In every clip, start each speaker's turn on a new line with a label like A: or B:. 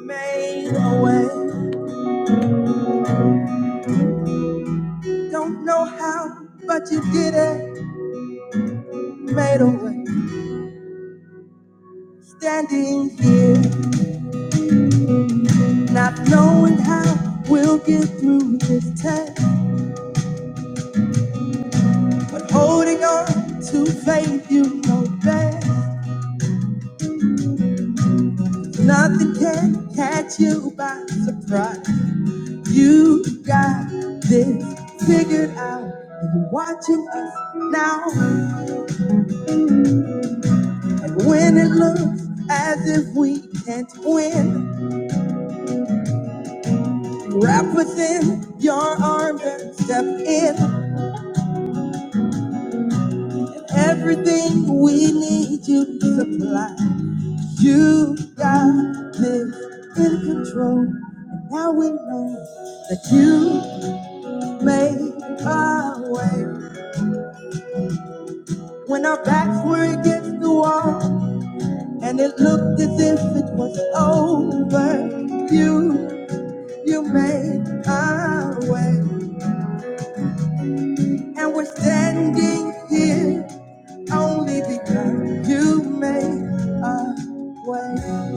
A: Made a way. Don't know how, but you did it. Made a way. Standing here, not knowing how we'll get through this test. But holding on to faith, you know best. Nothing can catch you by surprise. You got this figured out. And you're watching us now. And when it looks as if we can't win. Wrap within your arms and step in. Everything we need you to supply. You got this in control. And now we know that you made our way. When our backs were against the wall and it looked as if it was over, you, you made our way. And we're standing here only because you made a way.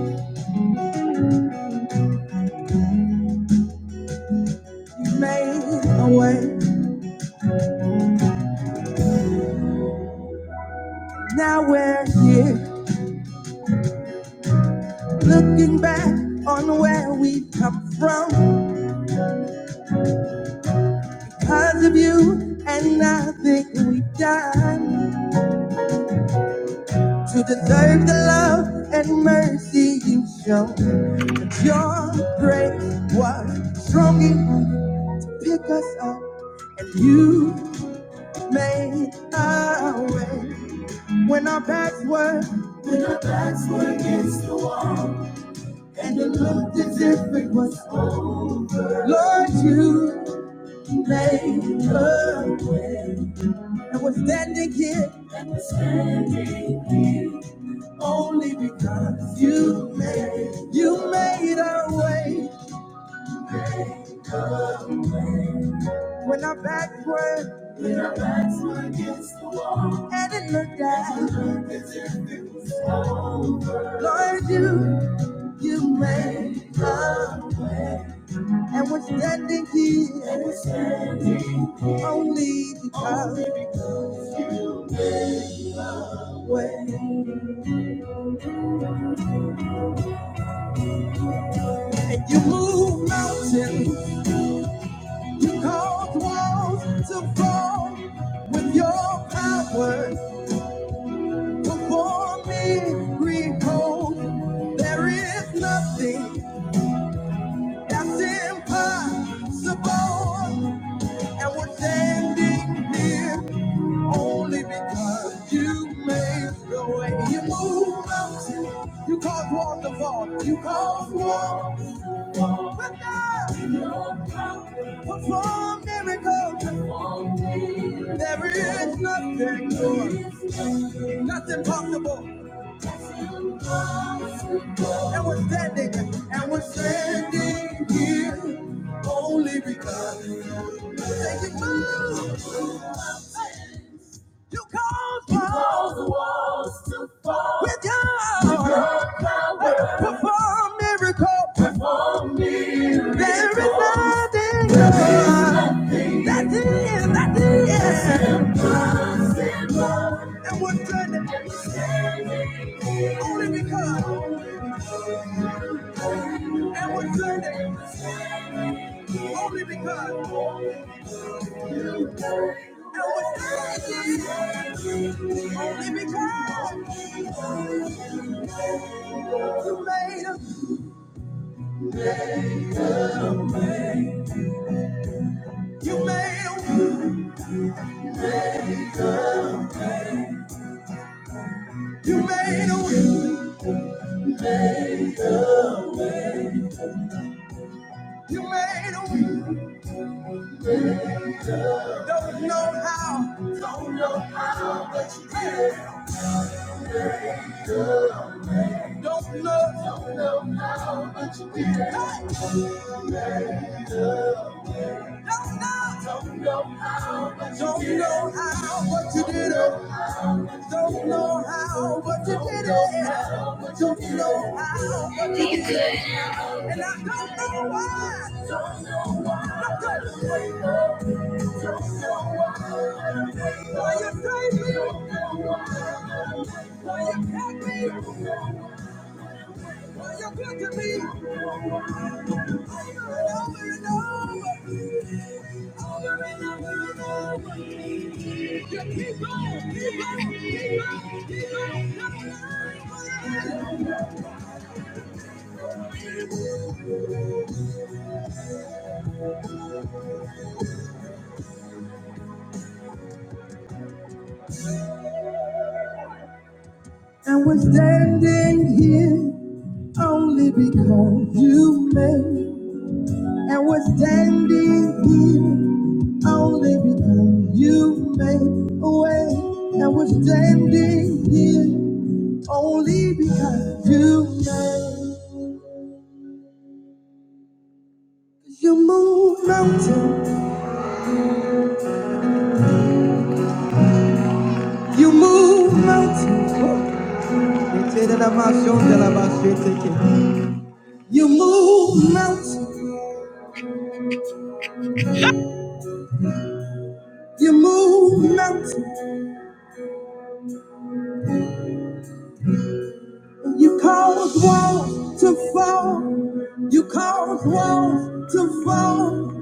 A: You made a way. Now we're here looking back on where we come from because of you and nothing we've done to deserve the love and mercy you show. Your grace was strong enough to pick us up and you made a way. When our backs were, when our backs were against the wall, and it looked as if it was over. Lord, you made a way, and we're standing here, and we're standing here only because you made, you made our way. When our backs were, and it looked as, Lord, you, you made a way, and we're standing here, and we're standing only because. When you move mountains, you cause walls to fall with your power. Perform miracles. There is nothing that's impossible, and we're standing here only because you made the way. You move mountains, you cause walls to fall, you cause walls. to fall. But now, perform miracles. There is nothing more, nothing possible. And we're standing, and we're standing here only because you move. You cause walls with your perform miracle. There is nothing more. That's it, that's it. Impossible. And we're standing only because. And we're standing only because. And we're standing only because you made a, you made a, you made a, way. you made a. way. Don't know how. Don't know. what Hey! Don't know. Don't know how what you did. Don't know how, but you did it. Don't know how, but you did it. And I don't know why. Don't know why. Why you saved me? Why you kept me? Why you good to me? Over and over and over. Over and over and over. You keep on, keep on, keep on, keep on. And we're standing here. only because you made and we're standing here only because you made a way and we're standing here only because you made you move mountains you move mountains Oh. you move mountains you move mountains You caused walls to fall. You caused walls to fall.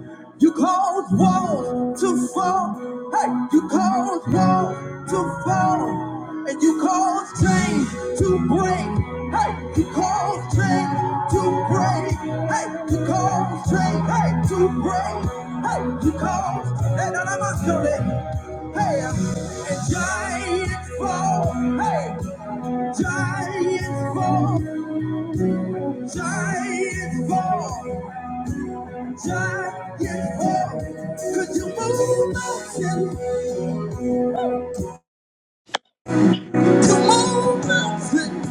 A: You caused walls to fall. Hey, you caused walls to fall. And you caused chains to break. Hey, you caused chains to break. Hey, you caused chains hey, to break. Hey, you caused. Hey, no, no, no, no, no. no. Hey, and giants fall. Hey, giants fall. Giants fall. Giants fall. Could you move mountains? To move mountains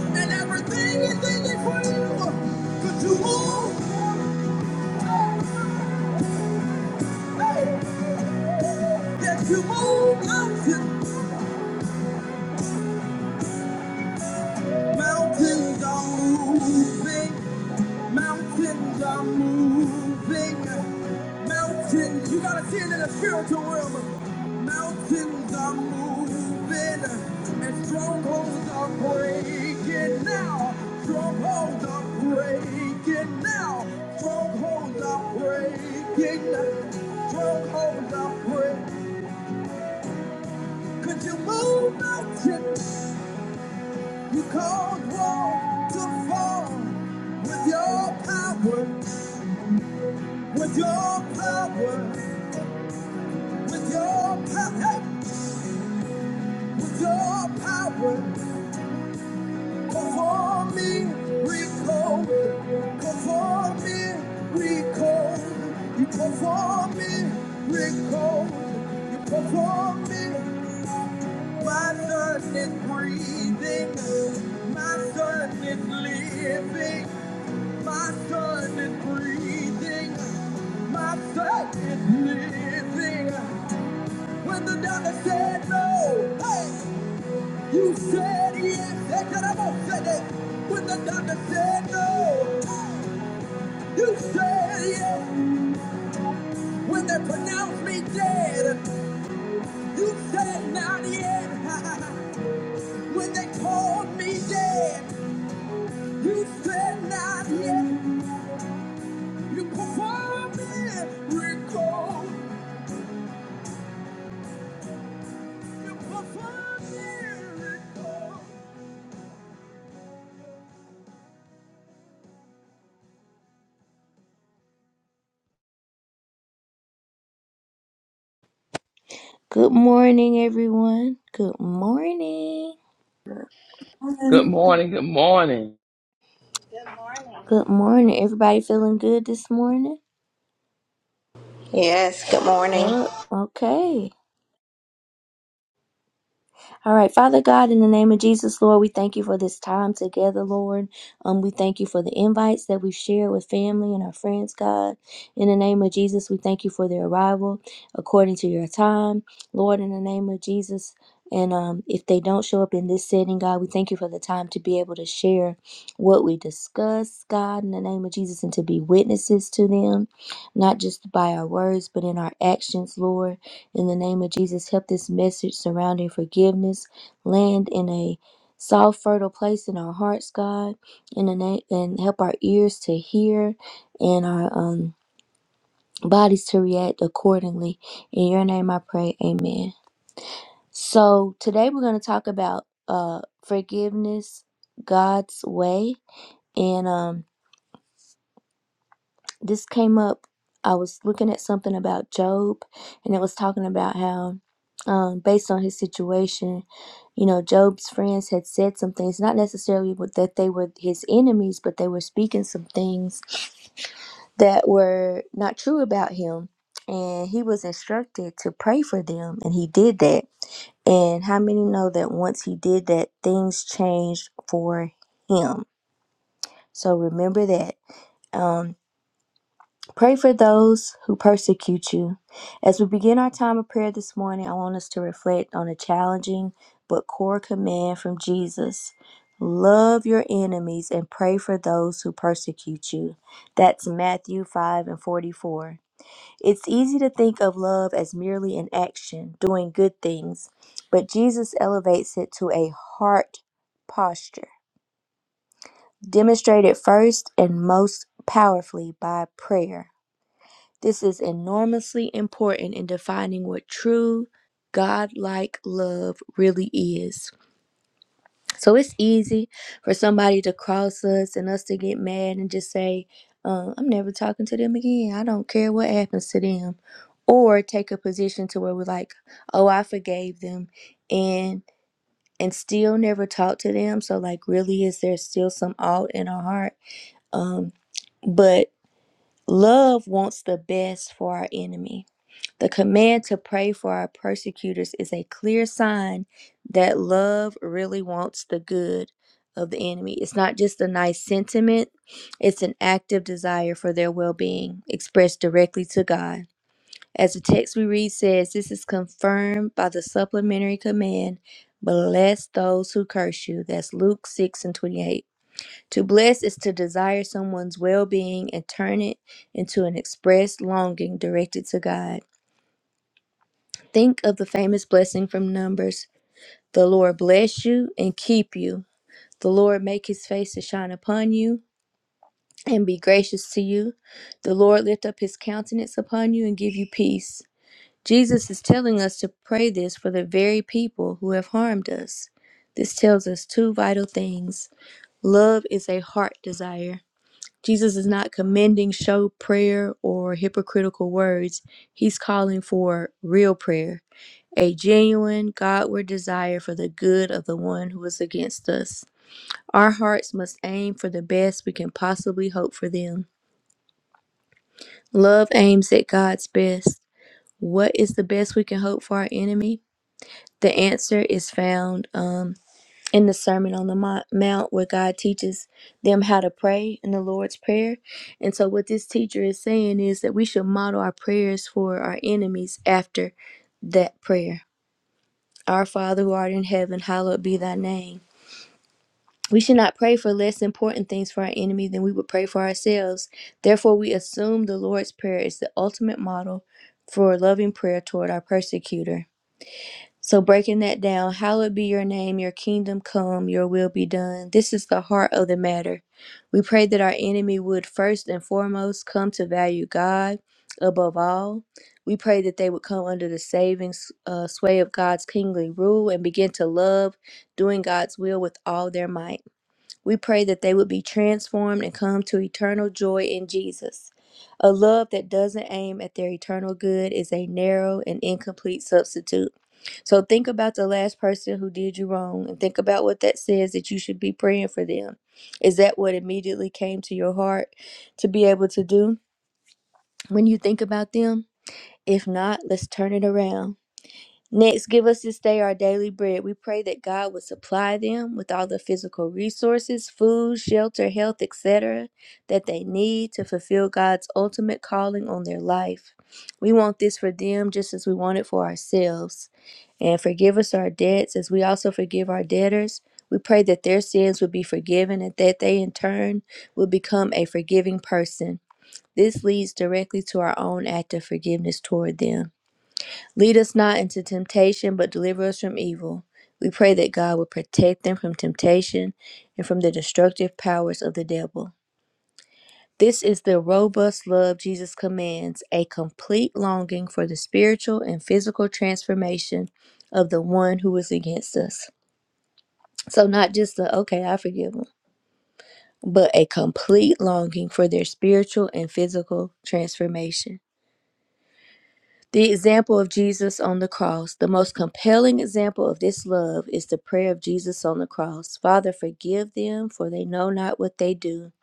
A: and everything is in it for you. Could you move? Hey, yes, you move mountains. Mountains are moving. Mountains are moving. Mountains, you gotta see it in the spiritual realm. Mountains are moving and strongholds are breaking now. Strongholds are breaking now. Strongholds are breaking. Strongholds are breaking. Could you move mountains? You called war to fall with your power, with your power, with your power, hey, with your power. Perform me, perform me, You perform me, You perform me. My son is breathing, my son is living. My son is breathing. My son is living. When the doctor said no, hey, you said yes. Hey, can I go say that? When the doctor said no, hey, you said yes. When they pronounced me dead, you said not yet. when they called me dead, you said not yet. You performed miracles. Good morning, everyone. Good morning.
B: Amen.
C: Good morning. Good morning.
A: Good morning. Everybody feeling good this morning?
D: Yes, good morning.
A: Uh, okay. All right, Father God, in the name of Jesus, Lord, we thank you for this time together, Lord. Um, we thank you for the invites that we've shared with family and our friends, God. In the name of Jesus, we thank you for their arrival according to your time, Lord. In the name of Jesus. And um, if they don't show up in this setting, God, we thank you for the time to be able to share what we discuss, God, in the name of Jesus, and to be witnesses to them, not just by our words, but in our actions, Lord. In the name of Jesus, help this message surrounding forgiveness land in a soft, fertile place in our hearts, God. In the name, and help our ears to hear and our um, bodies to react accordingly. In your name, I pray. Amen. So today we're going to talk about uh, forgiveness God's way, and um. this came up. I was looking at something about Job, and it was talking about how, um, based on his situation, you know, Job's friends had said some things, not necessarily with- that they were his enemies, but they were speaking some things that were not true about him. And he was instructed to pray for them, and he did that. And how many know that once he did that, things changed for him? So remember that. Um, Pray for those who persecute you. As we begin our time of prayer this morning, I want us to reflect on a challenging but core command from Jesus love your enemies and pray for those who persecute you. That's Matthew 5 and 44. It's easy to think of love as merely an action, doing good things, but Jesus elevates it to a heart posture, demonstrated first and most powerfully by prayer. This is enormously important in defining what true godlike love really is. So it's easy for somebody to cross us and us to get mad and just say, uh, I'm never talking to them again. I don't care what happens to them. Or take a position to where we're like, oh, I forgave them and and still never talk to them. So like really is there still some all in our heart? Um, but love wants the best for our enemy the command to pray for our persecutors is a clear sign that love really wants the good of the enemy. It's not just a nice sentiment, it's an active desire for their well being expressed directly to God. As the text we read says, this is confirmed by the supplementary command bless those who curse you. That's Luke 6 and 28. To bless is to desire someone's well being and turn it into an expressed longing directed to God. Think of the famous blessing from Numbers The Lord bless you and keep you. The Lord make his face to shine upon you and be gracious to you. The Lord lift up his countenance upon you and give you peace. Jesus is telling us to pray this for the very people who have harmed us. This tells us two vital things love is a heart desire. Jesus is not commending show prayer or hypocritical words. He's calling for real prayer a genuine Godward desire for the good of the one who is against us. Our hearts must aim for the best we can possibly hope for them. Love aims at God's best. What is the best we can hope for our enemy? The answer is found um, in the Sermon on the Mount, where God teaches them how to pray in the Lord's Prayer. And so, what this teacher is saying is that we should model our prayers for our enemies after that prayer. Our Father who art in heaven, hallowed be thy name. We should not pray for less important things for our enemy than we would pray for ourselves. Therefore, we assume the Lord's Prayer is the ultimate model for loving prayer toward our persecutor. So, breaking that down, hallowed be your name, your kingdom come, your will be done. This is the heart of the matter. We pray that our enemy would first and foremost come to value God above all. We pray that they would come under the saving uh, sway of God's kingly rule and begin to love doing God's will with all their might. We pray that they would be transformed and come to eternal joy in Jesus. A love that doesn't aim at their eternal good is a narrow and incomplete substitute. So think about the last person who did you wrong and think about what that says that you should be praying for them. Is that what immediately came to your heart to be able to do when you think about them? If not, let's turn it around. Next, give us this day our daily bread. We pray that God would supply them with all the physical resources, food, shelter, health, etc., that they need to fulfill God's ultimate calling on their life. We want this for them just as we want it for ourselves. And forgive us our debts as we also forgive our debtors. We pray that their sins would be forgiven and that they in turn will become a forgiving person. This leads directly to our own act of forgiveness toward them. Lead us not into temptation, but deliver us from evil. We pray that God would protect them from temptation and from the destructive powers of the devil. This is the robust love Jesus commands, a complete longing for the spiritual and physical transformation of the one who is against us. So, not just the, okay, I forgive them, but a complete longing for their spiritual and physical transformation. The example of Jesus on the cross, the most compelling example of this love is the prayer of Jesus on the cross. Father, forgive them, for they know not what they do.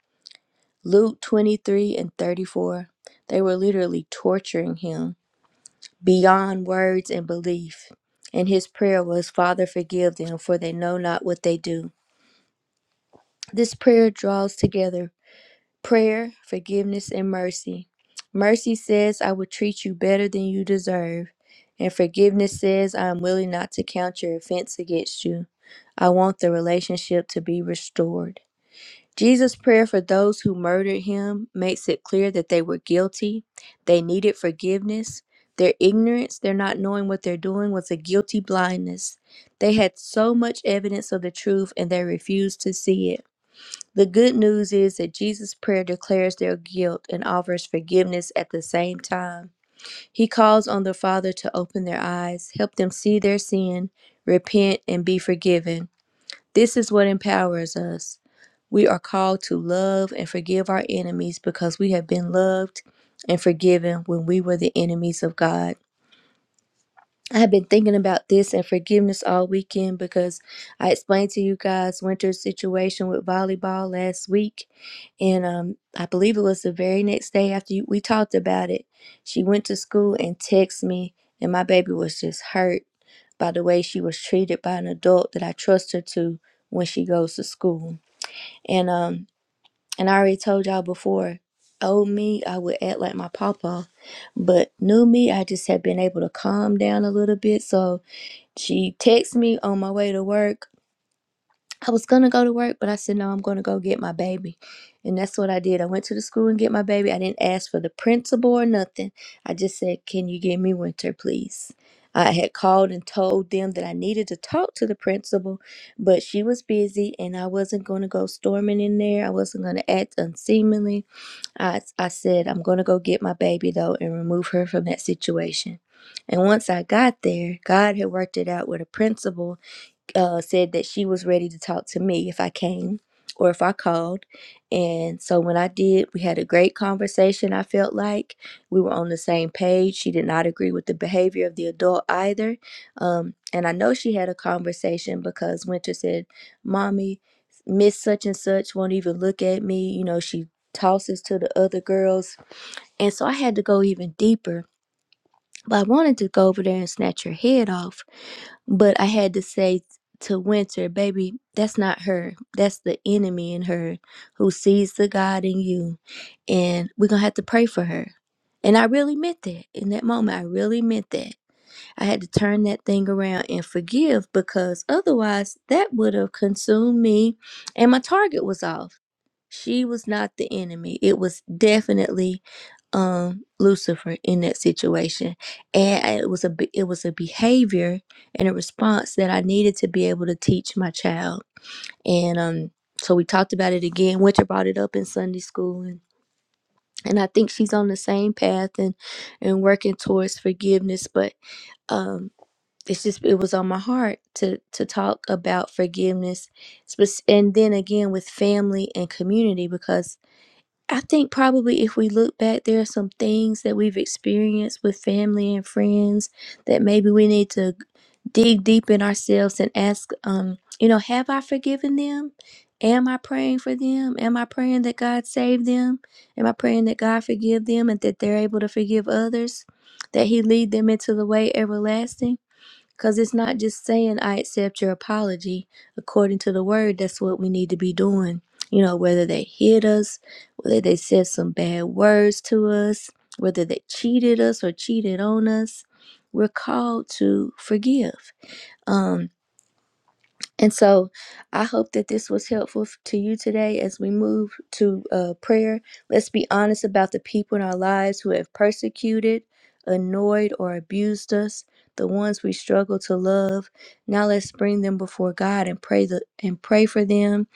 A: Luke 23 and 34. They were literally torturing him beyond words and belief. And his prayer was, Father, forgive them, for they know not what they do. This prayer draws together Prayer, forgiveness, and mercy. Mercy says, I will treat you better than you deserve. And forgiveness says, I am willing not to count your offense against you. I want the relationship to be restored. Jesus' prayer for those who murdered him makes it clear that they were guilty. They needed forgiveness. Their ignorance, their not knowing what they're doing, was a guilty blindness. They had so much evidence of the truth and they refused to see it. The good news is that Jesus' prayer declares their guilt and offers forgiveness at the same time. He calls on the Father to open their eyes, help them see their sin, repent, and be forgiven. This is what empowers us. We are called to love and forgive our enemies because we have been loved and forgiven when we were the enemies of God. I've been thinking about this and forgiveness all weekend because I explained to you guys Winter's situation with volleyball last week, and um, I believe it was the very next day after you, we talked about it. She went to school and texted me, and my baby was just hurt by the way she was treated by an adult that I trust her to when she goes to school. And um, and I already told y'all before, old me, I would act like my papa, but new me, I just have been able to calm down a little bit, so. She texted me on my way to work. I was gonna go to work, but I said no, I'm gonna go get my baby. And that's what I did. I went to the school and get my baby. I didn't ask for the principal or nothing. I just said, Can you give me winter, please? I had called and told them that I needed to talk to the principal, but she was busy and I wasn't going to go storming in there. I wasn't going to act unseemly. I, I said, I'm going to go get my baby though and remove her from that situation. And once I got there, God had worked it out with a principal uh, said that she was ready to talk to me if I came or if I called. And so when I did, we had a great conversation. I felt like we were on the same page. She did not agree with the behavior of the adult either. Um, and I know she had a conversation because Winter said, Mommy, Miss such and such won't even look at me. You know, she tosses to the other girls. And so I had to go even deeper. But I wanted to go over there and snatch her head off but I had to say to Winter, baby, that's not her. That's the enemy in her who sees the God in you. And we're going to have to pray for her. And I really meant that in that moment. I really meant that. I had to turn that thing around and forgive because otherwise that would have consumed me and my target was off. She was not the enemy. It was definitely um Lucifer in that situation and it was a be- it was a behavior and a response that I needed to be able to teach my child and um so we talked about it again winter brought it up in Sunday school and and I think she's on the same path and and working towards forgiveness but um it's just it was on my heart to to talk about forgiveness spec- and then again with family and community because I think probably if we look back, there are some things that we've experienced with family and friends that maybe we need to dig deep in ourselves and ask, um, you know, have I forgiven them? Am I praying for them? Am I praying that God save them? Am I praying that God forgive them and that they're able to forgive others? That He lead them into the way everlasting? Because it's not just saying, I accept your apology. According to the word, that's what we need to be doing. You know, whether they hit us, whether they said some bad words to us, whether they cheated us or cheated on us, we're called to forgive. Um, and so I hope that this was helpful f- to you today as we move to uh, prayer. Let's be honest about the people in our lives who have persecuted, annoyed, or abused us, the ones we struggle to love. Now let's bring them before God and pray the, and pray for them,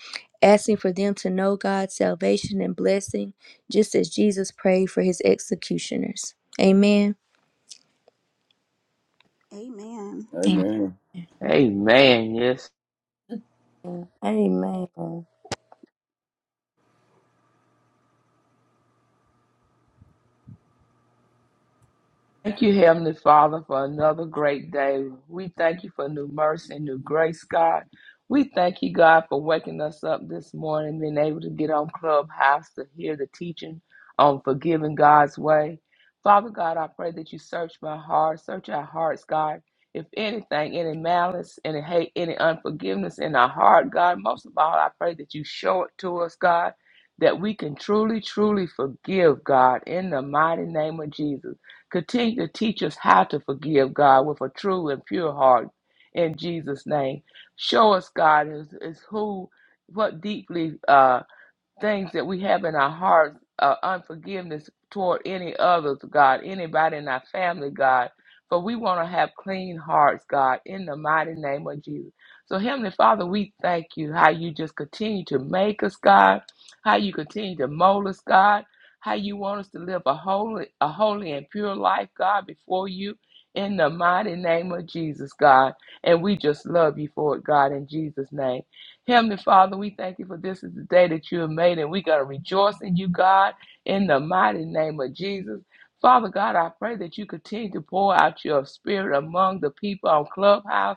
A: asking for them to know God's salvation and blessing, just as Jesus prayed for his executioners. Amen.
E: Amen.
A: Amen.
F: Amen.
C: Amen. Yes, Thank you, Heavenly Father, for another great day. We thank you for new mercy and new grace, God. We thank you, God, for waking us up this morning, being able to get on Clubhouse to hear the teaching on forgiving God's way. Father God, I pray that you search my heart, search our hearts, God. If anything, any malice, any hate, any unforgiveness in our heart, God, most of all, I pray that you show it to us, God, that we can truly, truly forgive, God, in the mighty name of Jesus. Continue to teach us how to forgive God with a true and pure heart in Jesus' name. Show us, God, is, is who, what deeply uh, things that we have in our hearts, uh, unforgiveness toward any others, God, anybody in our family, God. For we want to have clean hearts, God, in the mighty name of Jesus. So, Heavenly Father, we thank you how you just continue to make us, God, how you continue to mold us, God, how you want us to live a holy, a holy and pure life, God, before you, in the mighty name of Jesus, God. And we just love you for it, God, in Jesus' name. Heavenly Father, we thank you for this is the day that you have made, and we're going to rejoice in you, God, in the mighty name of Jesus. Father God, I pray that you continue to pour out your spirit among the people on Clubhouse.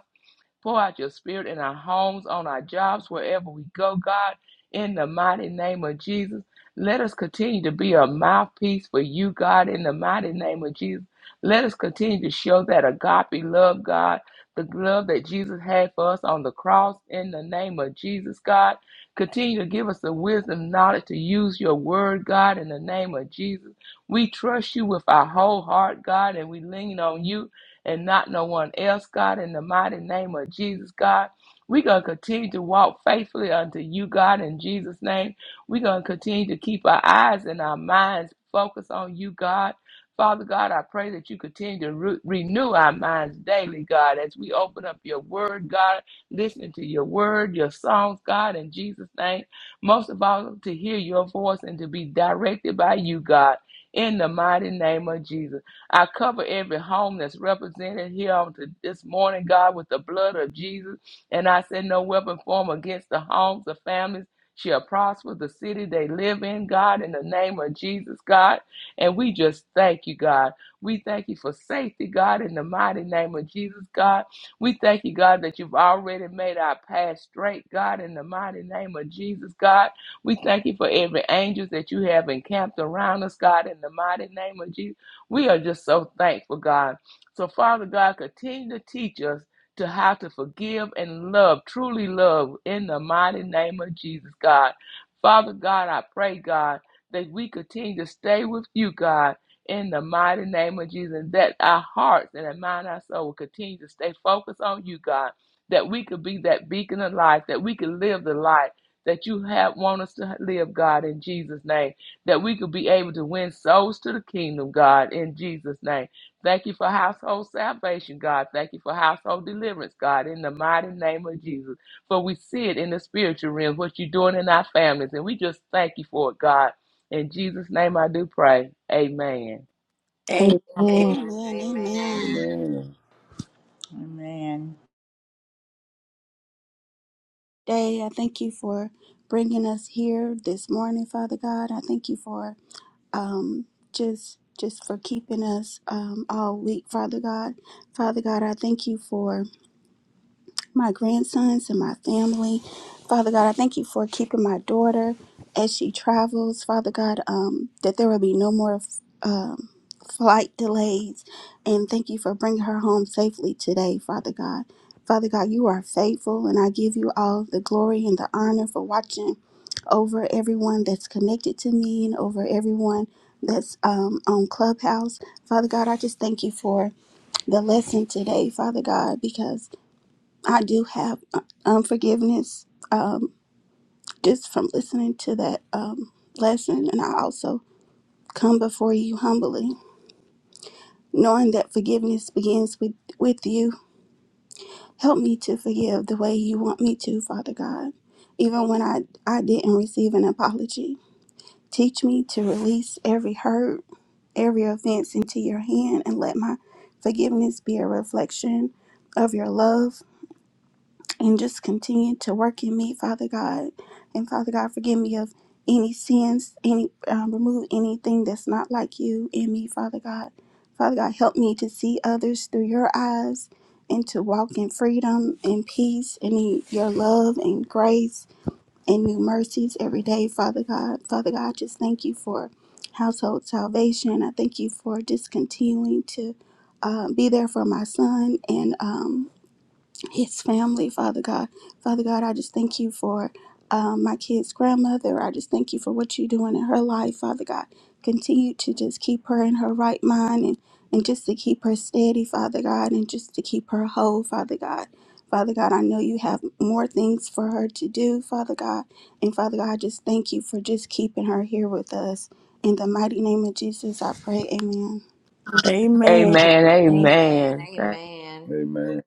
C: Pour out your spirit in our homes, on our jobs, wherever we go, God, in the mighty name of Jesus. Let us continue to be a mouthpiece for you, God, in the mighty name of Jesus. Let us continue to show that agape love, God, the love that Jesus had for us on the cross, in the name of Jesus, God. Continue to give us the wisdom, knowledge to use your word, God, in the name of Jesus. We trust you with our whole heart, God, and we lean on you and not no one else, God, in the mighty name of Jesus, God. We're going to continue to walk faithfully unto you, God, in Jesus' name. We're going to continue to keep our eyes and our minds focused on you, God. Father God, I pray that you continue to re- renew our minds daily, God, as we open up your word, God, listening to your word, your songs, God, in Jesus' name. Most of all, to hear your voice and to be directed by you, God, in the mighty name of Jesus. I cover every home that's represented here on to this morning, God, with the blood of Jesus. And I say, no weapon formed against the homes, the families shall prosper, the city they live in, God, in the name of Jesus, God. And we just thank you, God. We thank you for safety, God, in the mighty name of Jesus, God. We thank you, God, that you've already made our path straight, God, in the mighty name of Jesus, God. We thank you for every angel that you have encamped around us, God, in the mighty name of Jesus. We are just so thankful, God. So, Father God, continue to teach us to how to forgive and love, truly love, in the mighty name of Jesus, God. Father God, I pray, God, that we continue to stay with you, God, in the mighty name of Jesus, and that our hearts and our mind, our soul will continue to stay focused on you, God, that we could be that beacon of light, that we could live the life that you have want us to live, God, in Jesus' name that we could be able to win souls to the kingdom, God, in Jesus' name. Thank you for household salvation, God. Thank you for household deliverance, God, in the mighty name of Jesus. For we see it in the spiritual realm, what you're doing in our families, and we just thank you for it, God. In Jesus' name I do pray. Amen.
A: Amen.
B: Amen.
D: Amen.
E: Amen.
D: Amen.
E: Amen.
F: Amen.
G: Amen.
E: Day, I thank you for bringing us here this morning, Father God. I thank you for um just just for keeping us um all week, Father God. Father God, I thank you for my grandsons and my family. Father God, I thank you for keeping my daughter as she travels. Father God, um, that there will be no more um, flight delays. And thank you for bringing her home safely today, Father God. Father God, you are faithful, and I give you all the glory and the honor for watching over everyone that's connected to me and over everyone that's um, on Clubhouse. Father God, I just thank you for the lesson today, Father God, because I do have uh, unforgiveness um, just from listening to that um, lesson. And I also come before you humbly, knowing that forgiveness begins with, with you. Help me to forgive the way you want me to, Father God, even when I, I didn't receive an apology. Teach me to release every hurt, every offense into your hand, and let my forgiveness be a reflection of your love and just continue to work in me, Father God. And Father God, forgive me of any sins, any um, remove anything that's not like you in me, Father God. Father God, help me to see others through your eyes and to walk in freedom and peace and in your love and grace and new mercies every day, Father God. Father God, I just thank you for household salvation. I thank you for just continuing to uh, be there for my son and um, his family, Father God. Father God, I just thank you for um, my kid's grandmother. I just thank you for what you're doing in her life, Father God. Continue to just keep her in her right mind and, and just to keep her steady, Father God, and just to keep her whole, Father God. Father God, I know you have more things for her to do, Father God. And Father God, I just thank you for just keeping her here with us. In the mighty name of Jesus, I pray. Amen.
B: Amen.
C: Amen.
D: Amen.
C: Amen. Th-
D: Amen.
F: Amen.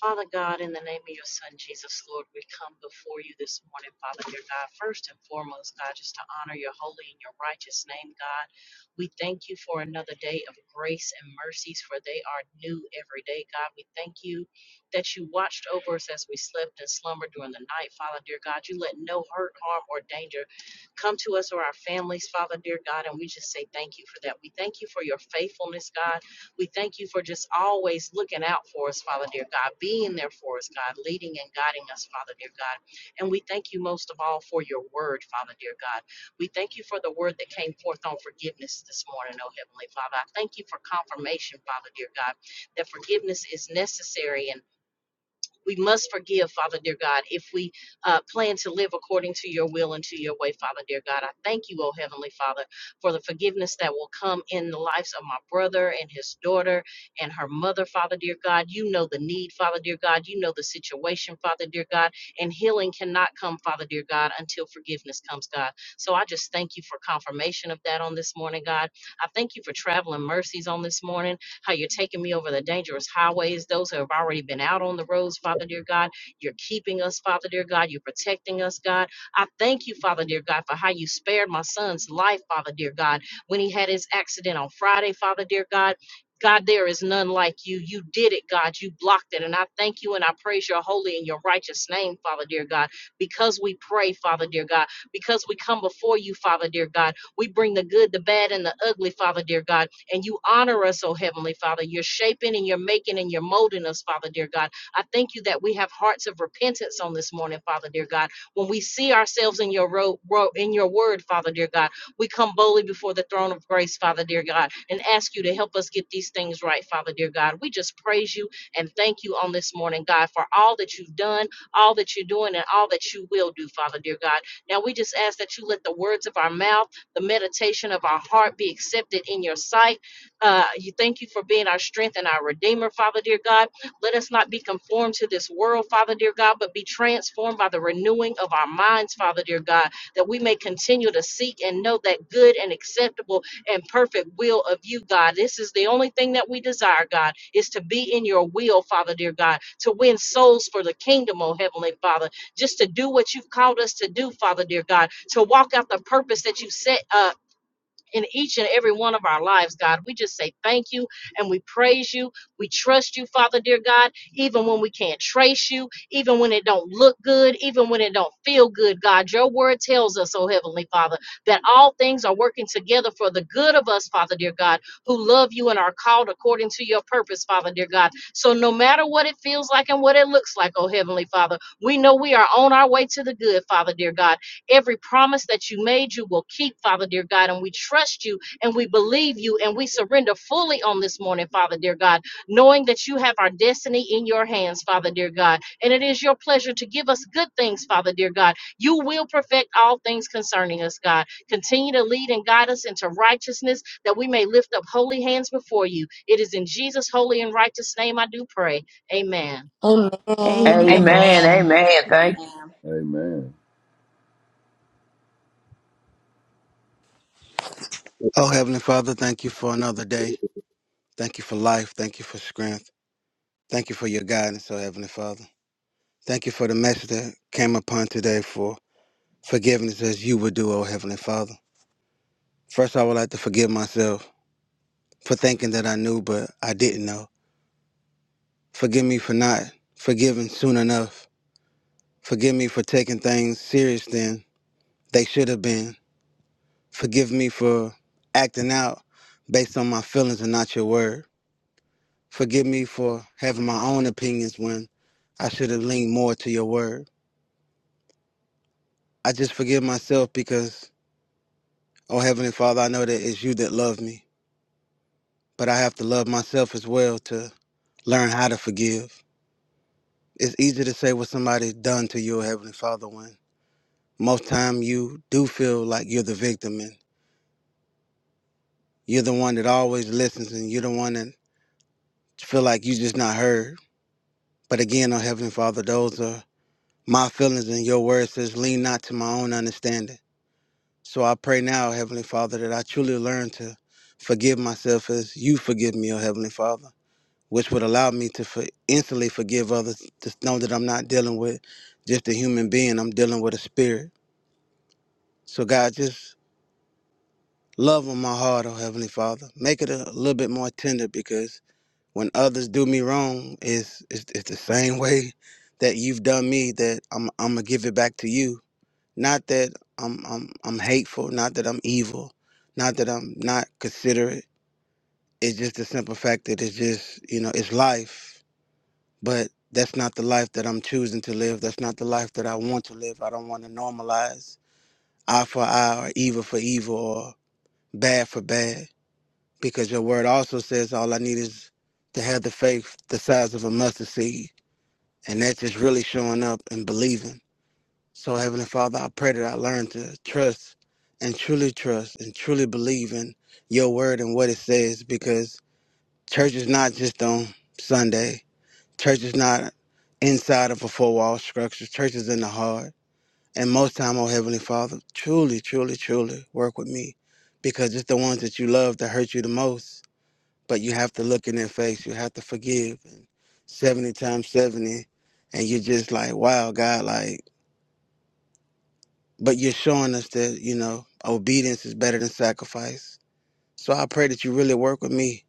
H: Father God, in the name of your Son, Jesus, Lord, we come before you this morning, Father, dear God. First and foremost, God, just to honor your holy and your righteous name, God. We thank you for another day of grace and mercies, for they are new every day, God. We thank you that you watched over us as we slept and slumbered during the night, Father, dear God. You let no hurt, harm, or danger come to us or our families, Father, dear God, and we just say thank you for that. We thank you for your faithfulness, God. We thank you for just always looking out for us, Father dear God, being there for us, God, leading and guiding us, Father dear God. And we thank you most of all for your word, Father dear God. We thank you for the word that came forth on forgiveness this morning, oh Heavenly Father. I thank you for confirmation, Father dear God, that forgiveness is necessary and. We must forgive, Father dear God, if we uh, plan to live according to your will and to your way, Father dear God. I thank you, O Heavenly Father, for the forgiveness that will come in the lives of my brother and his daughter and her mother, Father dear God. You know the need, Father dear God. You know the situation, Father dear God. And healing cannot come, Father dear God, until forgiveness comes, God. So I just thank you for confirmation of that on this morning, God. I thank you for traveling mercies on this morning how you're taking me over the dangerous highways, those who have already been out on the roads, Father dear God. You're keeping us, Father dear God. You're protecting us, God. I thank you, Father dear God, for how you spared my son's life, Father dear God, when he had his accident on Friday, Father dear God. God, there is none like you. You did it, God. You blocked it. And I thank you and I praise your holy and your righteous name, Father dear God, because we pray, Father dear God, because we come before you, Father dear God. We bring the good, the bad, and the ugly, Father dear God and you honor us, oh Heavenly Father. You're shaping and you're making and you're molding us, Father, dear God. I thank you that we have hearts of repentance on this morning, Father, dear God. When we see ourselves in your road, ro- in your word, Father, dear God, we come boldly before the throne of grace, Father, dear God, and ask you to help us get these things right, Father, dear God. We just praise you and thank you on this morning, God, for all that you've done, all that you're doing, and all that you will do, Father, dear God. Now we just ask that you let the words of our mouth, the meditation of our heart be accepted in your sight. Uh, you thank you for being our strength and our redeemer, Father dear God. Let us not be conformed to this world, Father dear God, but be transformed by the renewing of our minds, Father dear God, that we may continue to seek and know that good and acceptable and perfect will of you, God. This is the only thing that we desire, God, is to be in your will, Father dear God, to win souls for the kingdom, oh Heavenly Father, just to do what you've called us to do, Father dear God, to walk out the purpose that you set uh, in each and every one of our lives, God. We just say thank you and we praise you. We trust you, Father, dear God, even when we can't trace you, even when it don't look good, even when it don't feel good, God. Your word tells us, oh Heavenly Father, that all things are working together for the good of us, Father, dear God, who love you and are called according to your purpose, Father, dear God. So no matter what it feels like and what it looks like, oh Heavenly Father, we know we are on our way to the good, Father, dear God Every promise that you made, you will keep, Father, dear God. And we trust you and we believe you and we surrender fully on this morning, Father, dear God, knowing that you have our destiny in your hands, Father, dear God. And it is your pleasure to give us good things, Father, dear God. You will perfect all things concerning us, God. Continue to lead and guide us into righteousness that we may lift up holy hands before you. It is in Jesus' holy and righteous name I do pray. Amen.
C: Amen.
G: Amen.
C: Amen. Thank.
D: Amen.
F: Amen.
I: Oh, Heavenly Father, thank you for another day. Thank you for life. Thank you for strength. Thank you for your guidance, oh Heavenly Father. Thank you for the message that came upon today for forgiveness as you would do, oh Heavenly Father. First, I would like to forgive myself for thinking that I knew, but I didn't know. Forgive me for not forgiving soon enough. Forgive me for taking things serious than they should have been. Forgive me for acting out based on my feelings and not your word. Forgive me for having my own opinions when I should have leaned more to your word. I just forgive myself because, oh Heavenly Father, I know that it's you that love me, but I have to love myself as well to learn how to forgive. It's easy to say what somebody done to you, oh Heavenly Father, when most time you do feel like you're the victim and you're the one that always listens and you're the one that feel like you just not heard. But again, oh Heavenly Father, those are my feelings and your word says lean not to my own understanding. So I pray now, Heavenly Father, that I truly learn to forgive myself as you forgive me, O Heavenly Father, which would allow me to for instantly forgive others, to know that I'm not dealing with just a human being, I'm dealing with a spirit. So, God, just love on my heart, O Heavenly Father. Make it a little bit more tender because when others do me wrong, it's, it's, it's the same way that you've done me that I'm, I'm going to give it back to you Not that I'm I'm I'm hateful, not that I'm evil, not that I'm not considerate. It's just the simple fact that it's just, you know, it's life. But that's not the life that I'm choosing to live. That's not the life that I want to live. I don't want to normalize eye for eye or evil for evil or bad for bad. Because your word also says all I need is to have the faith the size of a mustard seed. And that's just really showing up and believing. So, Heavenly Father, I pray that I learn to trust and truly trust and truly believe in your word and what it says because church is not just on Sunday. Church is not inside of a four wall structure. Church is in the heart. And most time, oh Heavenly Father, truly, truly, truly work with me because it's the ones that you love that hurt you the most. But you have to look in their face. You have to forgive. And 70 times 70. And you're just like, wow, God, like, but you're showing us that you know obedience is better than sacrifice so i pray that you really work with me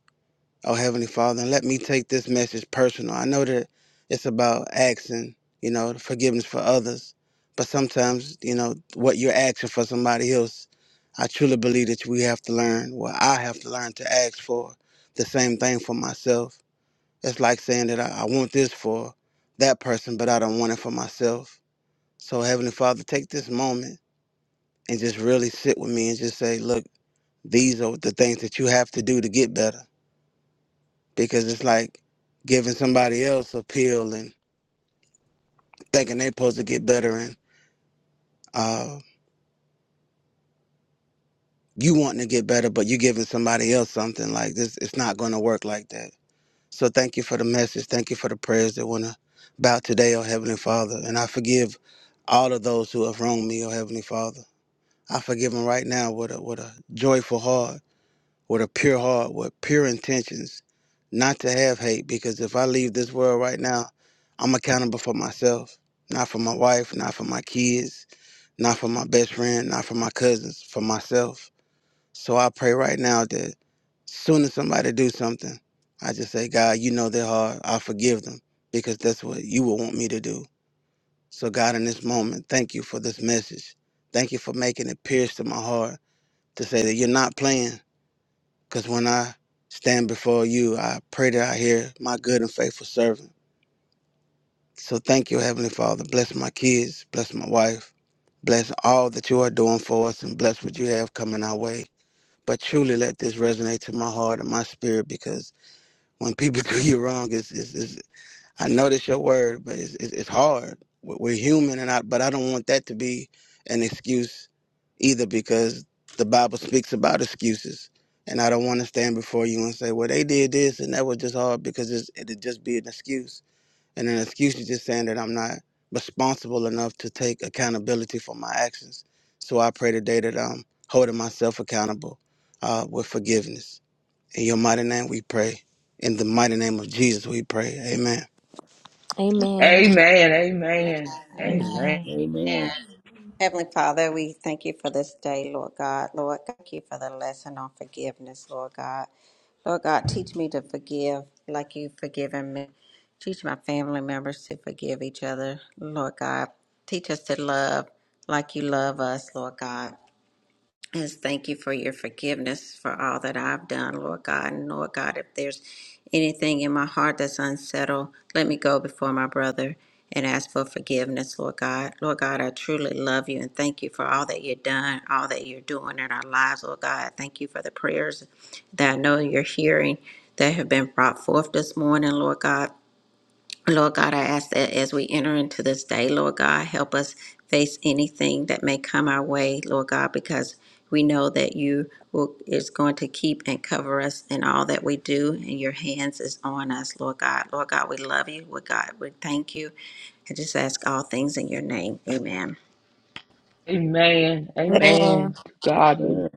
I: oh heavenly father and let me take this message personal i know that it's about asking you know forgiveness for others but sometimes you know what you're asking for somebody else i truly believe that we have to learn well i have to learn to ask for the same thing for myself it's like saying that i, I want this for that person but i don't want it for myself so heavenly father take this moment and just really sit with me and just say, look, these are the things that you have to do to get better. Because it's like giving somebody else a pill and thinking they're supposed to get better and uh, you wanting to get better, but you giving somebody else something like this. It's not going to work like that. So thank you for the message. Thank you for the prayers that went about today, oh Heavenly Father. And I forgive all of those who have wronged me, oh Heavenly Father. I forgive them right now with a, with a joyful heart with a pure heart, with pure intentions, not to have hate. Because if I leave this world right now, I'm accountable for myself, not for my wife, not for my kids, not for my best friend, not for my cousins, for myself. So I pray right now that as soon as somebody do something, I just say, God, you know their heart. I forgive them because that's what you would want me to do. So God, in this moment, thank you for this message. Thank you for making it pierce to my heart to say that you're not playing. Because when I stand before you, I pray that I hear my good and faithful servant. So thank you, Heavenly Father. Bless my kids, bless my wife, bless all that you are doing for us, and bless what you have coming our way. But truly let this resonate to my heart and my spirit because when people do you wrong, it's it's it's. I know that's your word, but it's, it's, it's hard. We're we're human, and I but I don't want that to be an excuse either, because the Bible speaks about excuses, and I don't want to stand before you and say, "Well, they did this, and that was just hard," because it's, it'd just be an excuse, and an excuse is just saying that I'm not responsible enough to take accountability for my actions. So I pray today that I'm holding myself accountable uh, with forgiveness. In your mighty name, we pray. In the mighty name of Jesus, we pray. Amen.
A: Amen.
C: Amen. Amen.
D: Amen.
C: Amen.
G: Amen.
F: Amen.
D: Heavenly Father, we thank you for this day, Lord God. Lord, thank you for the lesson on forgiveness, Lord God. Lord God, teach me to forgive like you've forgiven me. Teach my family members to forgive each other, Lord God. Teach us to love like you love us, Lord God. Just thank you for your forgiveness for all that I've done, Lord God. And Lord God, if there's anything in my heart that's unsettled, let me go before my brother and ask for forgiveness, Lord God. Lord God, I truly love you and thank you for all that you've done, all that you're doing in our lives, Lord God. Thank you for the prayers that I know you're hearing that have been brought forth this morning, Lord God. Lord God, I ask that as we enter into this day, Lord God, help us face anything that may come our way, Lord God, because we know that you will is going to keep and cover us in all that we do, and your hands is on us, Lord God. Lord God, we love you. Lord God, we thank you. I just ask all things in your name. Amen.
C: Amen.
A: Amen.
C: Amen. To God be
F: Amen.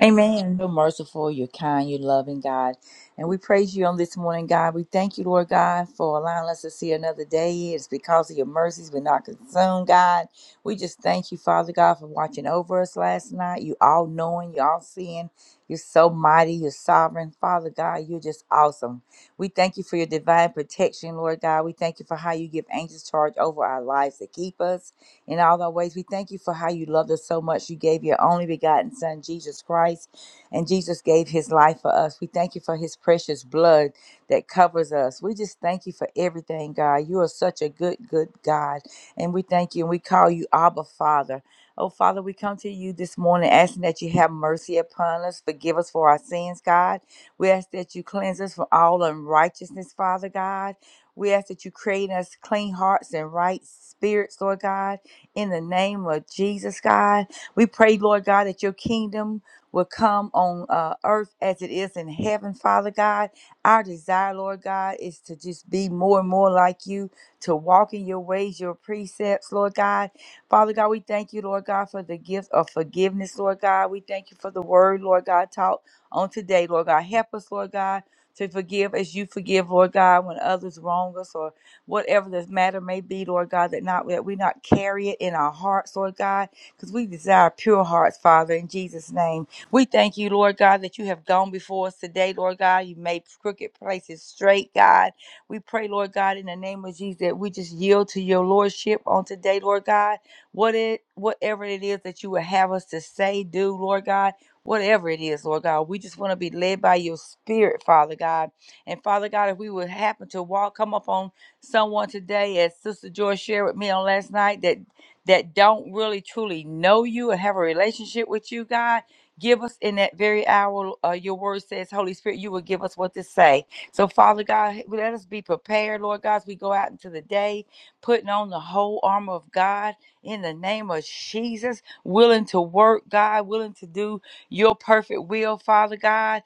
G: Amen. You're merciful, you're kind, you're loving, God. And we praise you on this morning, God. We thank you, Lord God, for allowing us to see another day. It's because of your mercies we're not consumed, God. We just thank you, Father God, for watching over us last night. You all knowing, you all seeing. You're so mighty, you're sovereign. Father God, you're just awesome. We thank you for your divine protection, Lord God. We thank you for how you give angels charge over our lives to keep us. in all thy ways. We thank you for how you loved us so much. You gave your only begotten Son, Jesus Christ, and Jesus gave his life for us. We thank you for his precious blood that covers us. We just thank you for everything, God. You are such a good, good God. And we thank you and we call you Abba Father. Oh, Father, we come to you this morning asking that you have mercy upon us. Forgive us for our sins, God. We ask that you cleanse us from all unrighteousness, Father God. We ask that you create in us clean hearts and right spirits, Lord God in the name of Jesus, God. We pray, Lord God, that your kingdom will come on uh, earth as it is in heaven, Father God. Our desire, Lord God, is to just be more and more like you, to walk in your ways, your precepts, Lord God. Father God, we thank you, Lord God, for the gift of forgiveness, Lord God. We thank you for the word, Lord God, taught on today, Lord God. Help us, Lord God, to forgive as you forgive, Lord God, when others wrong us or whatever this matter may be, Lord God, that not that we not carry it in our hearts, Lord God, because we desire pure hearts, Father, in Jesus' name. We thank you, Lord God, that you have gone before us today, Lord God. You made crooked places straight, God. We pray, Lord God, in the name of Jesus, that we just yield to your lordship on today, Lord God. What it whatever it is that you would have us to say, do, Lord God. Whatever it is, Lord God, we just want to be led by your spirit, Father God. And Father God, if we would happen to walk, come up on someone today, as Sister Joy shared with me on last night, that that don't really truly know you and have a relationship with you, God. Give us in that very hour, uh, your word says, Holy Spirit, you will give us what to say. So, Father God, let us be prepared, Lord God, as we go out into the day, putting on the whole armor of God in the name of Jesus, willing to work, God, willing to do your perfect will, Father God.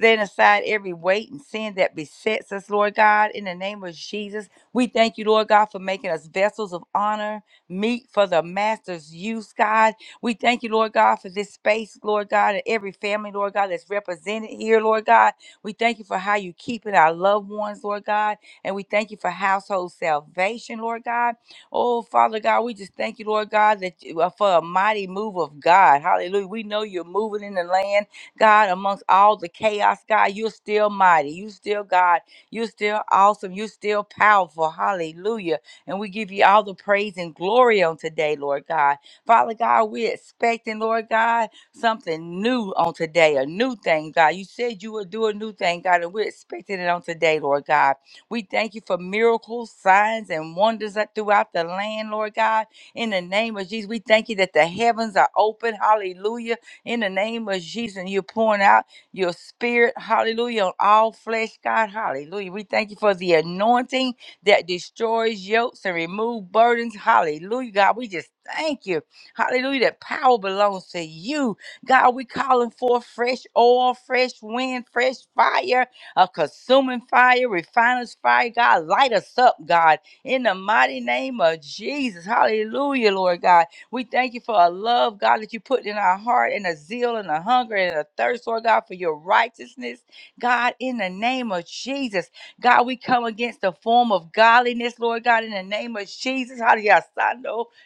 G: Setting aside every weight and sin that besets us, Lord God, in the name of Jesus. We thank you, Lord God, for making us vessels of honor, meat for the master's use, God. We thank you, Lord God, for this space, Lord God, and every family, Lord God, that's represented here, Lord God. We thank you for how you keeping our loved ones, Lord God. And we thank you for household salvation, Lord God. Oh, Father God, we just thank you, Lord God, that you, uh, for a mighty move of God. Hallelujah. We know you're moving in the land, God, amongst all the chaos, God. You're still mighty. You still God you're still awesome. You're still powerful. Hallelujah. And we give you all the praise and glory on today, Lord God. Father God, we're expecting, Lord God, something new on today, a new thing, God. You said you would do a new thing, God, and we're expecting it on today, Lord God. We thank you for miracles, signs, and wonders that throughout the land, Lord God. In the name of Jesus, we thank you that the heavens are open. Hallelujah. In the name of Jesus, and you're pouring out your spirit, hallelujah, on all flesh, God, hallelujah. We thank you for the anointing that destroys yokes and remove burdens, hallelujah, God. We just thank you, hallelujah, that power belongs to you, God. We calling for fresh oil, fresh wind, fresh fire, a consuming fire, refiner's fire, God. Light us up, God, in the mighty name of Jesus, hallelujah, Lord God. We thank you for a love, God, that you put in our heart and a zeal and a hunger and a thirst, Lord God, for your righteousness. God, in the name of Jesus, God, we come against the form of godliness, Lord God, in the name of Jesus. Hallelujah.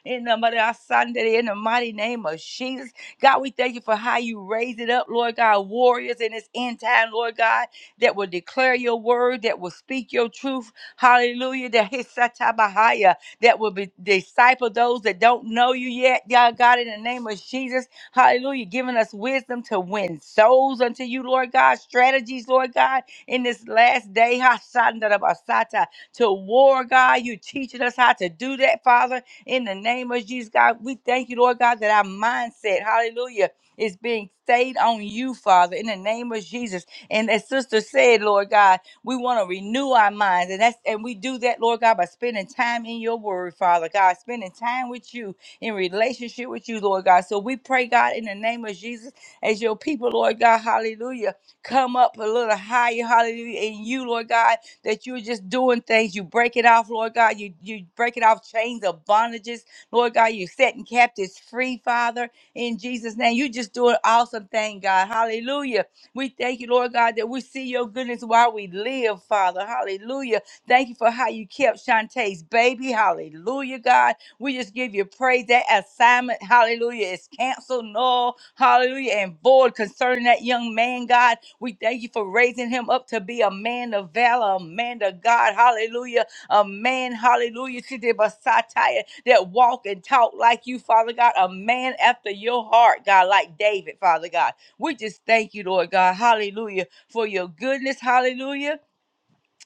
G: In the mighty Sunday, in the mighty name of Jesus. God, we thank you for how you raise it up, Lord God, warriors in this end time, Lord God, that will declare your word, that will speak your truth. Hallelujah. That that will be disciple those that don't know you yet, y'all God, in the name of Jesus. Hallelujah. Giving us wisdom to win souls unto you, Lord God, strategies, Lord God, in this last day. Hasandarabasata, To war, God, you teaching us how to do that, Father, in the name of Jesus, God. We thank you, Lord God, that our mindset, hallelujah, is being stayed on you, Father, in the name of Jesus. And as sister said, Lord God. We want to renew our minds. And that's and we do that, Lord God, by spending time in your word, Father God, spending time with you in relationship with you, Lord God. So we pray, God, in the name of Jesus, as your people, Lord God, hallelujah, come up a little higher, hallelujah, in you, Lord God, that you're just doing things. You break it off, Lord God. You you break it off chains of bondages, Lord God. You're setting captives free, Father, in Jesus' name. You're just doing awesome thing, God. Hallelujah. We thank you, Lord God, that we see your goodness while we live, Father. Hallelujah. Thank you for how you kept Shantae's baby. Hallelujah, God. We just give you praise. That assignment, hallelujah, is canceled, null, hallelujah, and void concerning that young man, God. We thank you for raising him up to be a man of valor, a man of God. Hallelujah. A man, hallelujah, to the Messiah that walk and talk like you, Father God. A man after your heart, God, like David, Father God. We just thank you, Lord God. Hallelujah. For your goodness. Hallelujah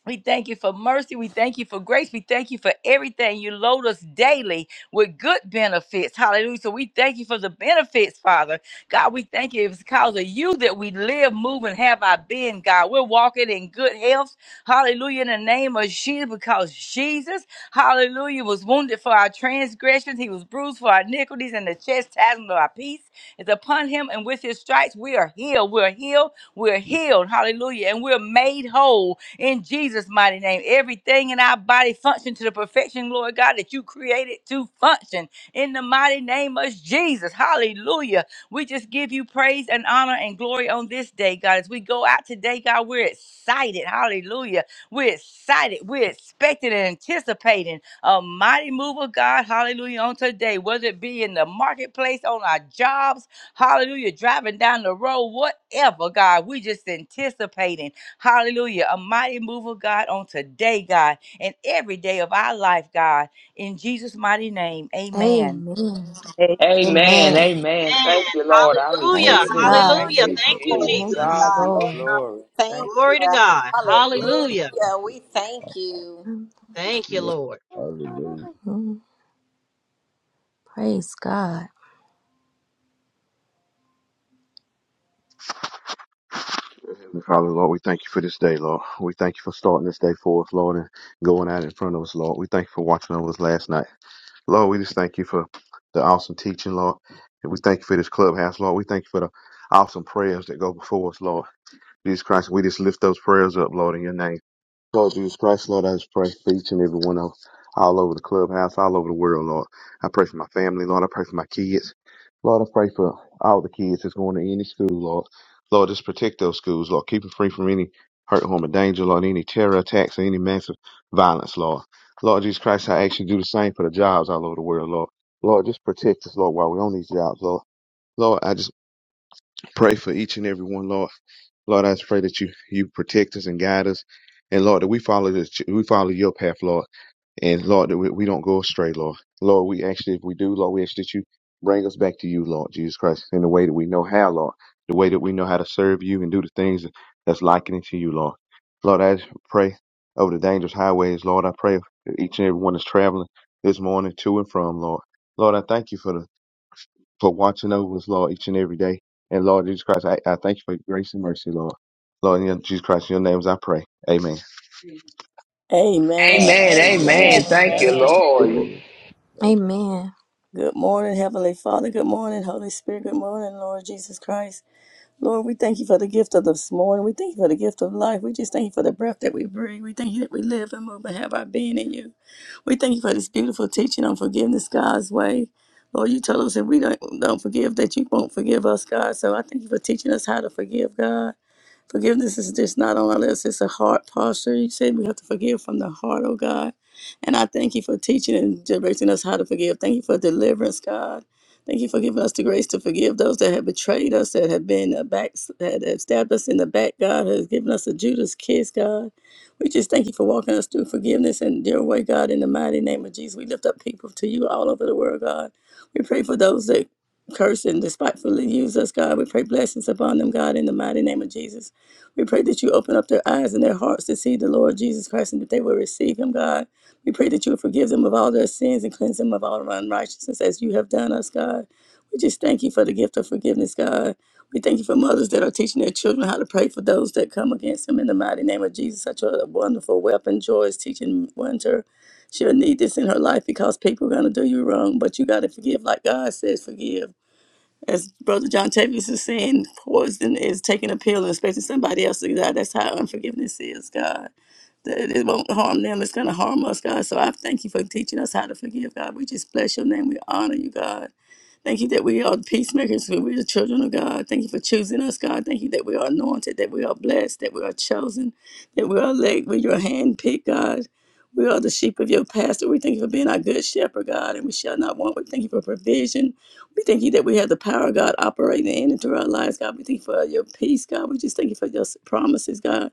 G: we thank you for mercy. We thank you for grace. We thank you for everything. You load us daily with good benefits. Hallelujah. So we thank you for the benefits, Father. God, we thank you. It's because of you that we live, move, and have our being, God. We're walking in good health. Hallelujah. In the name of Jesus, because Jesus, hallelujah, was wounded for our transgressions. He was bruised for our iniquities, and the chastisement of our peace is upon him. And with his stripes, we are healed. We're healed. We're healed. Hallelujah. And we're made whole in Jesus' mighty name. Everything in our body function to the perfection, Lord God, that you created to function in the mighty name of Jesus. Hallelujah. We just give you praise and honor and glory on this day, God. As we go out today, God, we're excited. Hallelujah. We're excited. We're expecting and anticipating a mighty move of God. Hallelujah. On today, whether it be in the marketplace, on our jobs, hallelujah, driving down the road, whatever, God, we just anticipating. Hallelujah. A mighty move of God on today, God, and every day of our life, God. In Jesus' mighty name, amen.
A: Amen.
B: Amen.
C: Amen.
A: Amen.
C: Amen.
H: Amen.
C: Thank you, Lord. I
H: Hallelujah.
C: receive
A: Praise
C: it.
F: Amen.
A: God.
C: Thank
H: Hallelujah.
F: Praise
C: you,
H: Thank
F: the
H: you,
D: Glory
F: Lord.
C: Jesus.
D: be
A: Thank
F: Thank
D: to
H: Jesus.
A: you,
C: God
D: God.
C: be the
D: Lord
A: Lord.
D: God,
C: glory.
D: we thank
C: Thank
D: you.
H: Glory to God. Hallelujah.
D: Hallelujah. We thank you.
H: Thank you,
F: you.
H: Lord.
F: Lord. Hallelujah.
A: Mhm. Praise God.
J: Heavenly Father, Lord, we thank you for this day, Lord. We thank you for starting this day for us, Lord, and going out in front of us, Lord. We thank you for watching over us last night. Lord, we just thank you for the awesome teaching, Lord. And we thank you for this clubhouse, Lord. We thank you for the awesome prayers that go before us, Lord. Jesus Christ, we just lift those prayers up, Lord, in your name. Lord Jesus Christ, Lord, I just pray for each and every one of all over the clubhouse, all over the world, Lord. I pray for my family, Lord. I pray for my kids. Lord, I pray for all the kids that's going to any school, Lord. Lord, just protect those schools, Lord. Keep them free from any hurt, harm, or danger, Lord, any terror attacks or any massive violence, Lord. Lord Jesus Christ, I ask you to do the same for the jobs all over the world, Lord. Lord, just protect us, Lord, while we're on these jobs, Lord. Lord, I just Pray for each and every one, Lord. Lord, I just pray that you you protect us and guide us, and Lord that we follow this, we follow your path, Lord, and Lord that we, we don't go astray, Lord. Lord, we actually if we do, Lord, we ask that you bring us back to you, Lord Jesus Christ, in the way that we know how, Lord, the way that we know how to serve you and do the things that's likening to you, Lord. Lord, I just pray over the dangerous highways, Lord. I pray that each and every one that's traveling this morning to and from, Lord. Lord, I thank you for the for watching over us, Lord, each and every day. And Lord Jesus Christ, I, I thank you for your grace and mercy, Lord. Lord, in your- Jesus Christ, in your names I pray. Amen.
B: Amen.
G: Amen.
C: Amen.
F: Amen.
C: Amen.
F: To
C: Thank you,
F: God be
G: Amen. Amen.
F: the
C: Lord.
F: glory. Thank
A: Amen.
B: Good morning, Heavenly Father. Good morning, Holy Spirit. Good morning, Lord Jesus Christ. Lord, we thank you for the gift of this morning. We thank you for the gift of life. We just thank you for the breath that we breathe. We thank you that we live and move and have our being in you. We thank you for this beautiful teaching on forgiveness God's way. Lord, you told us if we don't, don't forgive, that you won't forgive us, God. So I thank you for teaching us how to forgive, God. Forgiveness is just not on our list, it's a heart posture. You said we have to forgive from the heart, oh God. And I thank you for teaching and directing us how to forgive. Thank you for deliverance, God. Thank you for giving us the grace to forgive those that have betrayed us, that have been uh, back, that have stabbed us in the back, God, has given us a Judas kiss, God. We just thank you for walking us through forgiveness and your way, God, in the mighty name of Jesus. We lift up people to you all over the world, God. We pray for those that curse and despitefully use us, God. We pray blessings upon them, God, in the mighty name of Jesus. We pray that you open up their eyes and their hearts to see the Lord Jesus Christ and that they will receive him, God. We pray that you would forgive them of all their sins and cleanse them of all their unrighteousness as you have done us, God. We just thank you for the gift of forgiveness, God. We thank you for mothers that are teaching their children how to pray for those that come against them in the mighty name of Jesus. Such a wonderful weapon. Joy is teaching Winter. She'll need this in her life because people are going to do you wrong, but you got to forgive like God says forgive as Brother John Tavis is saying, poison is taking a pill and expecting somebody else to die. That's how unforgiveness is, God. That it won't harm them, it's going to harm us, God. So I thank you for teaching us how to forgive, God. We just bless your name. We honor you, God. Thank you that we are peacemakers, that we are the children of God. Thank you for choosing us, God. Thank you that we are anointed, that we are blessed, that we are chosen, that we are elect with your hand picked, God. We are the sheep of your pasture. We thank you for being our good shepherd, God, and we shall not want. We thank you for provision. We thank you that we have the power of God operating in and through our lives, God. We thank you for your peace, God. We just thank you for your promises, God.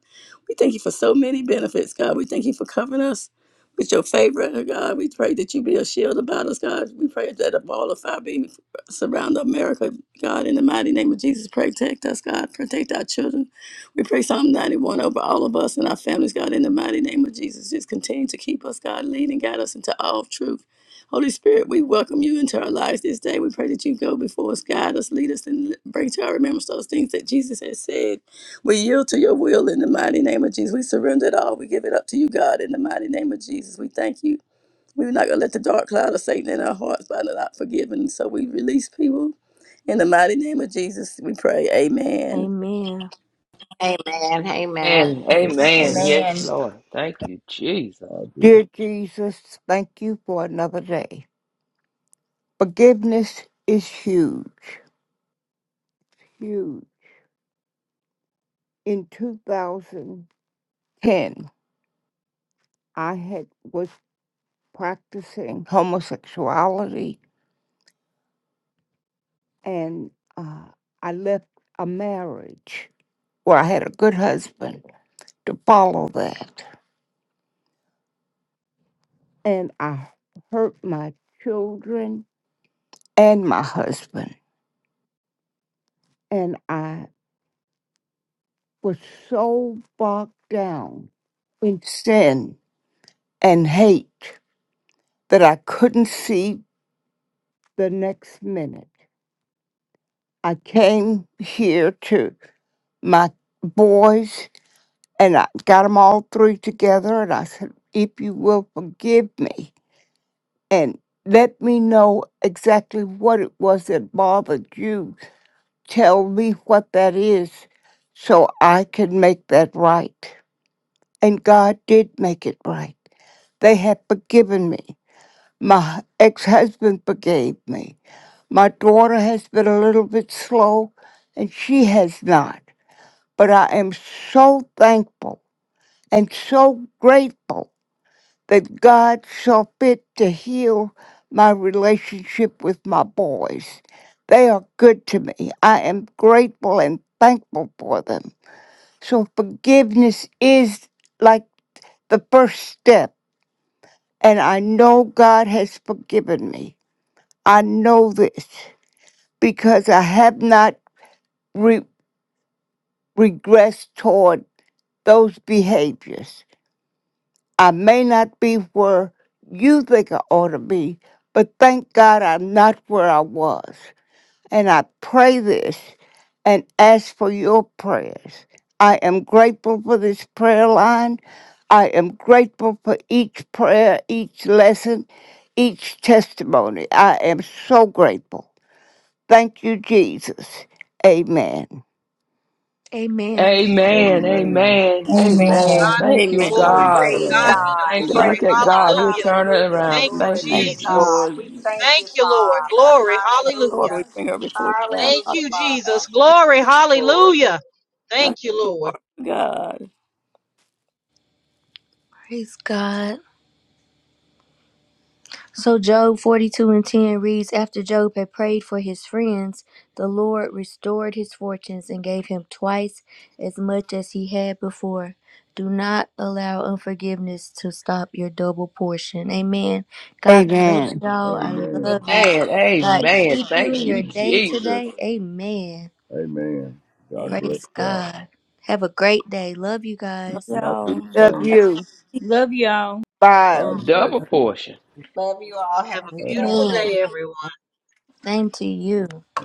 B: We thank you for so many benefits, God. We thank you for covering us with your favor, God. We pray that you be a shield about us, God. We pray that a ball of fire be surround America, God. In the mighty name of Jesus, protect us, God. Protect our children. We pray Psalm 91 over all of us and our families, God. In the mighty name of Jesus, just continue to keep us, God. Lead and guide us into all truth. Holy Spirit, we welcome you into our lives this day. We pray that you go before us, guide us, lead us, and bring to our remembrance those things that Jesus has said. We yield to your will in the mighty name of Jesus. We surrender it all. We give it up to you, God, in the mighty name of Jesus. We thank you. We're not going to let the dark cloud of Satan in our hearts by not forgiving. So we release people. In the mighty name of Jesus, we pray. Amen.
A: Amen.
D: Amen. Amen.
C: Amen.
F: you.
C: Amen.
F: Amen.
C: Yes,
G: Amen.
C: Lord. Thank you, Jesus.
F: God be the
K: Dear Jesus, thank you for another day. Forgiveness is huge, huge. In 2010, I had was practicing homosexuality, and uh, I left a marriage where I had a good husband to follow that, and I hurt my children and my husband, and I was so bogged down in sin and hate that I couldn't see the next minute. I came here to my boys and I got them all three together and I said, if you will forgive me and let me know exactly what it was that bothered you, tell me what that is so I can make that right. And God did make it right. They have forgiven me. My ex husband forgave me My daughter has been a little bit slow, and she has not. But I am so thankful and so grateful that God saw fit to heal my relationship with my boys. They are good to me. I am grateful and thankful for them. So forgiveness is like the first step. And I know God has forgiven me. I know this because I have not re- regress toward those behaviors. I may not be where you think I ought to be, but thank God I'm not where I was. And I pray this and ask for your prayers. I am grateful for this prayer line. I am grateful for each prayer, each lesson, each testimony. I am so grateful. Thank you, Jesus. Amen.
A: Amen.
C: Amen.
F: Amen.
C: Amen. Amen.
H: God
G: Amen.
H: be
C: Thank
H: the
C: you,
B: Amen.
F: Praise
H: glory. To
C: God.
B: But
D: Praise
H: God
B: that's
H: be
F: God.
H: the
B: the
D: God.
C: Thank
B: only
C: you.
B: God.
H: glory.
C: Look
D: Praise
C: at
D: God.
C: God. He'll
H: Hallelujah.
C: turn it
D: Hallelujah.
C: around.
H: Thank
F: Thank
H: you,
D: Glory
C: Thank
D: be
F: you,
B: Thank
D: to
C: you,
F: Jesus.
B: you,
C: Jesus.
D: God.
H: Jesus.
B: Lord.
D: We thank you,
H: Thank you, Lord.
D: Father.
H: Glory. Hallelujah.
B: Lord, we
D: Hallelujah.
B: bring her before you now,
H: Thank
B: Father.
D: Hallelujah,
H: you,
D: Father.
H: Jesus.
B: Thank
H: Glory.
B: you, Lord.
H: Hallelujah.
B: Nothing
H: Thank you,
B: too
H: Lord.
B: God.
A: Praise God. So Job 42 and 10 reads After Job had prayed for his friends, the Lord restored his fortunes and gave him twice as much as he had before. Do not allow unforgiveness to stop your double portion. Amen. God bless
K: Amen.
A: y'all. I
F: Amen.
A: love you.
C: Amen.
A: God
C: Amen.
A: keep you
C: Thank
A: in your
C: you,
F: Amen.
A: day
C: Jesus.
A: today. Amen.
F: Amen. God
B: Amen.
F: bless
A: Praise
F: y'all.
B: Love
A: God. Have a great day. Love you guys.
F: Y'all do the
B: y'all.
K: Love
F: same.
K: you.
G: Love y'all.
K: Bye.
F: God bless
C: Double portion.
D: Love you all. Have
H: Have
D: a
H: a
L: Thank
D: good
L: you,
H: beautiful
D: day.
A: Man, same to you.
F: you.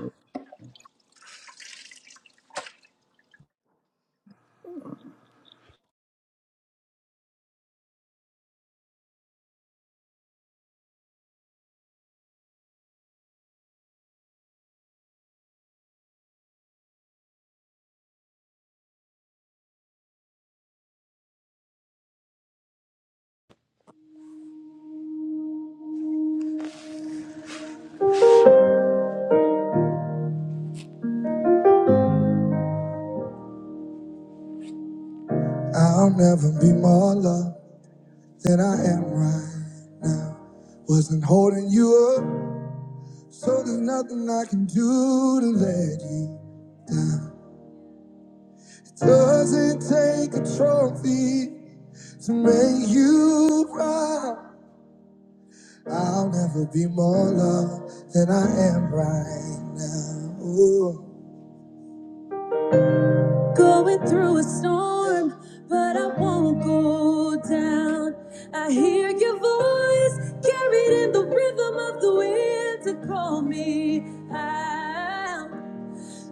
A: I'll never be more loved than I am right now. Wasn't holding you up, so there's nothing I can do to let you down. It doesn't take a trophy to make you proud. I'll never be more loved than I am right now. Ooh.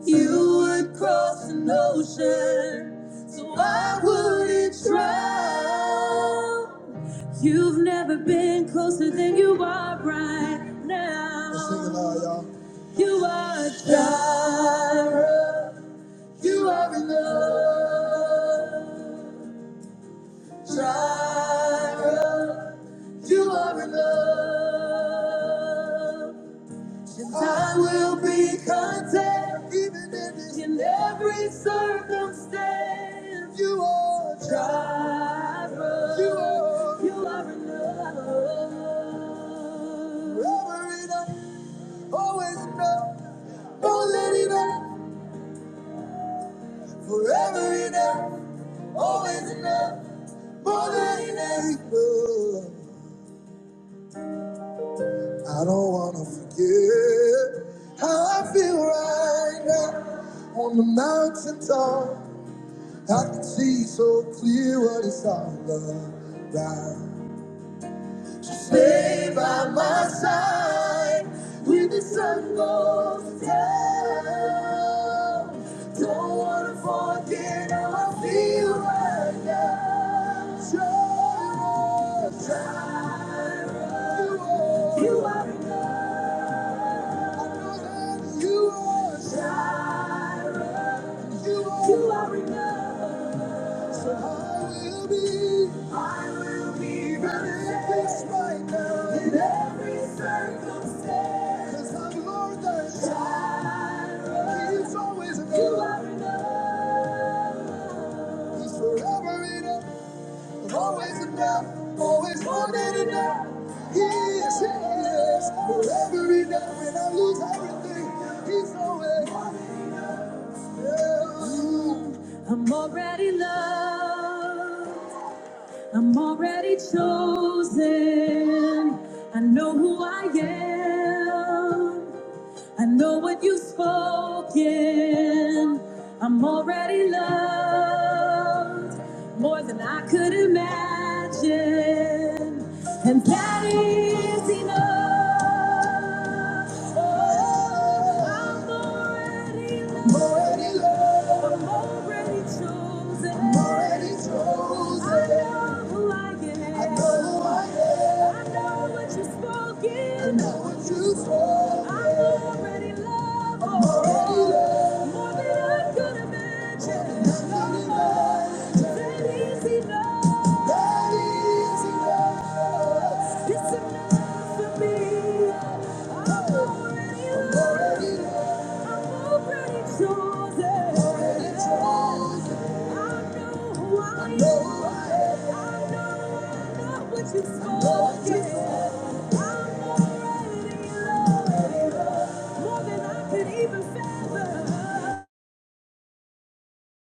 A: You would cross an ocean, so I would not try? You've never been closer than now. Let's sing it loud, y'all. You are in love, Tyra. You are in love. I will be content even in, in every circumstance. You are a driver. You are, you are enough. Forever enough, always enough. More than enough. Forever enough, always enough. More than enough. I don't wanna forget how I feel right now on the mountain top. I can see so clear what it's all about. Just stay by my side when the sun goes down. Don't wanna forget how I feel right now. Jireh, Jireh, you are. You are God. You are enough. So I will be. I will be ready right now in every circumstance. 'Cause I'm Lord thy God. He's always enough. You are enough. He's forever enough. Always enough. Always more than enough. He is. He is forever enough. When I lose everything, He's always. Yeah. could imagine, and that is enough. I'm already loved. I'm Already loved. I'm already chosen. I'm already chosen. I know who I am. I know who I am. I know what you've spoken. I know what you've spoken. I'm already loved. I'm already loved. More than I could imagine. More than I could imagine. That is enough. That is enough. It's enough for me. I'm already loved. I'm already I'm more than I could Even fathom.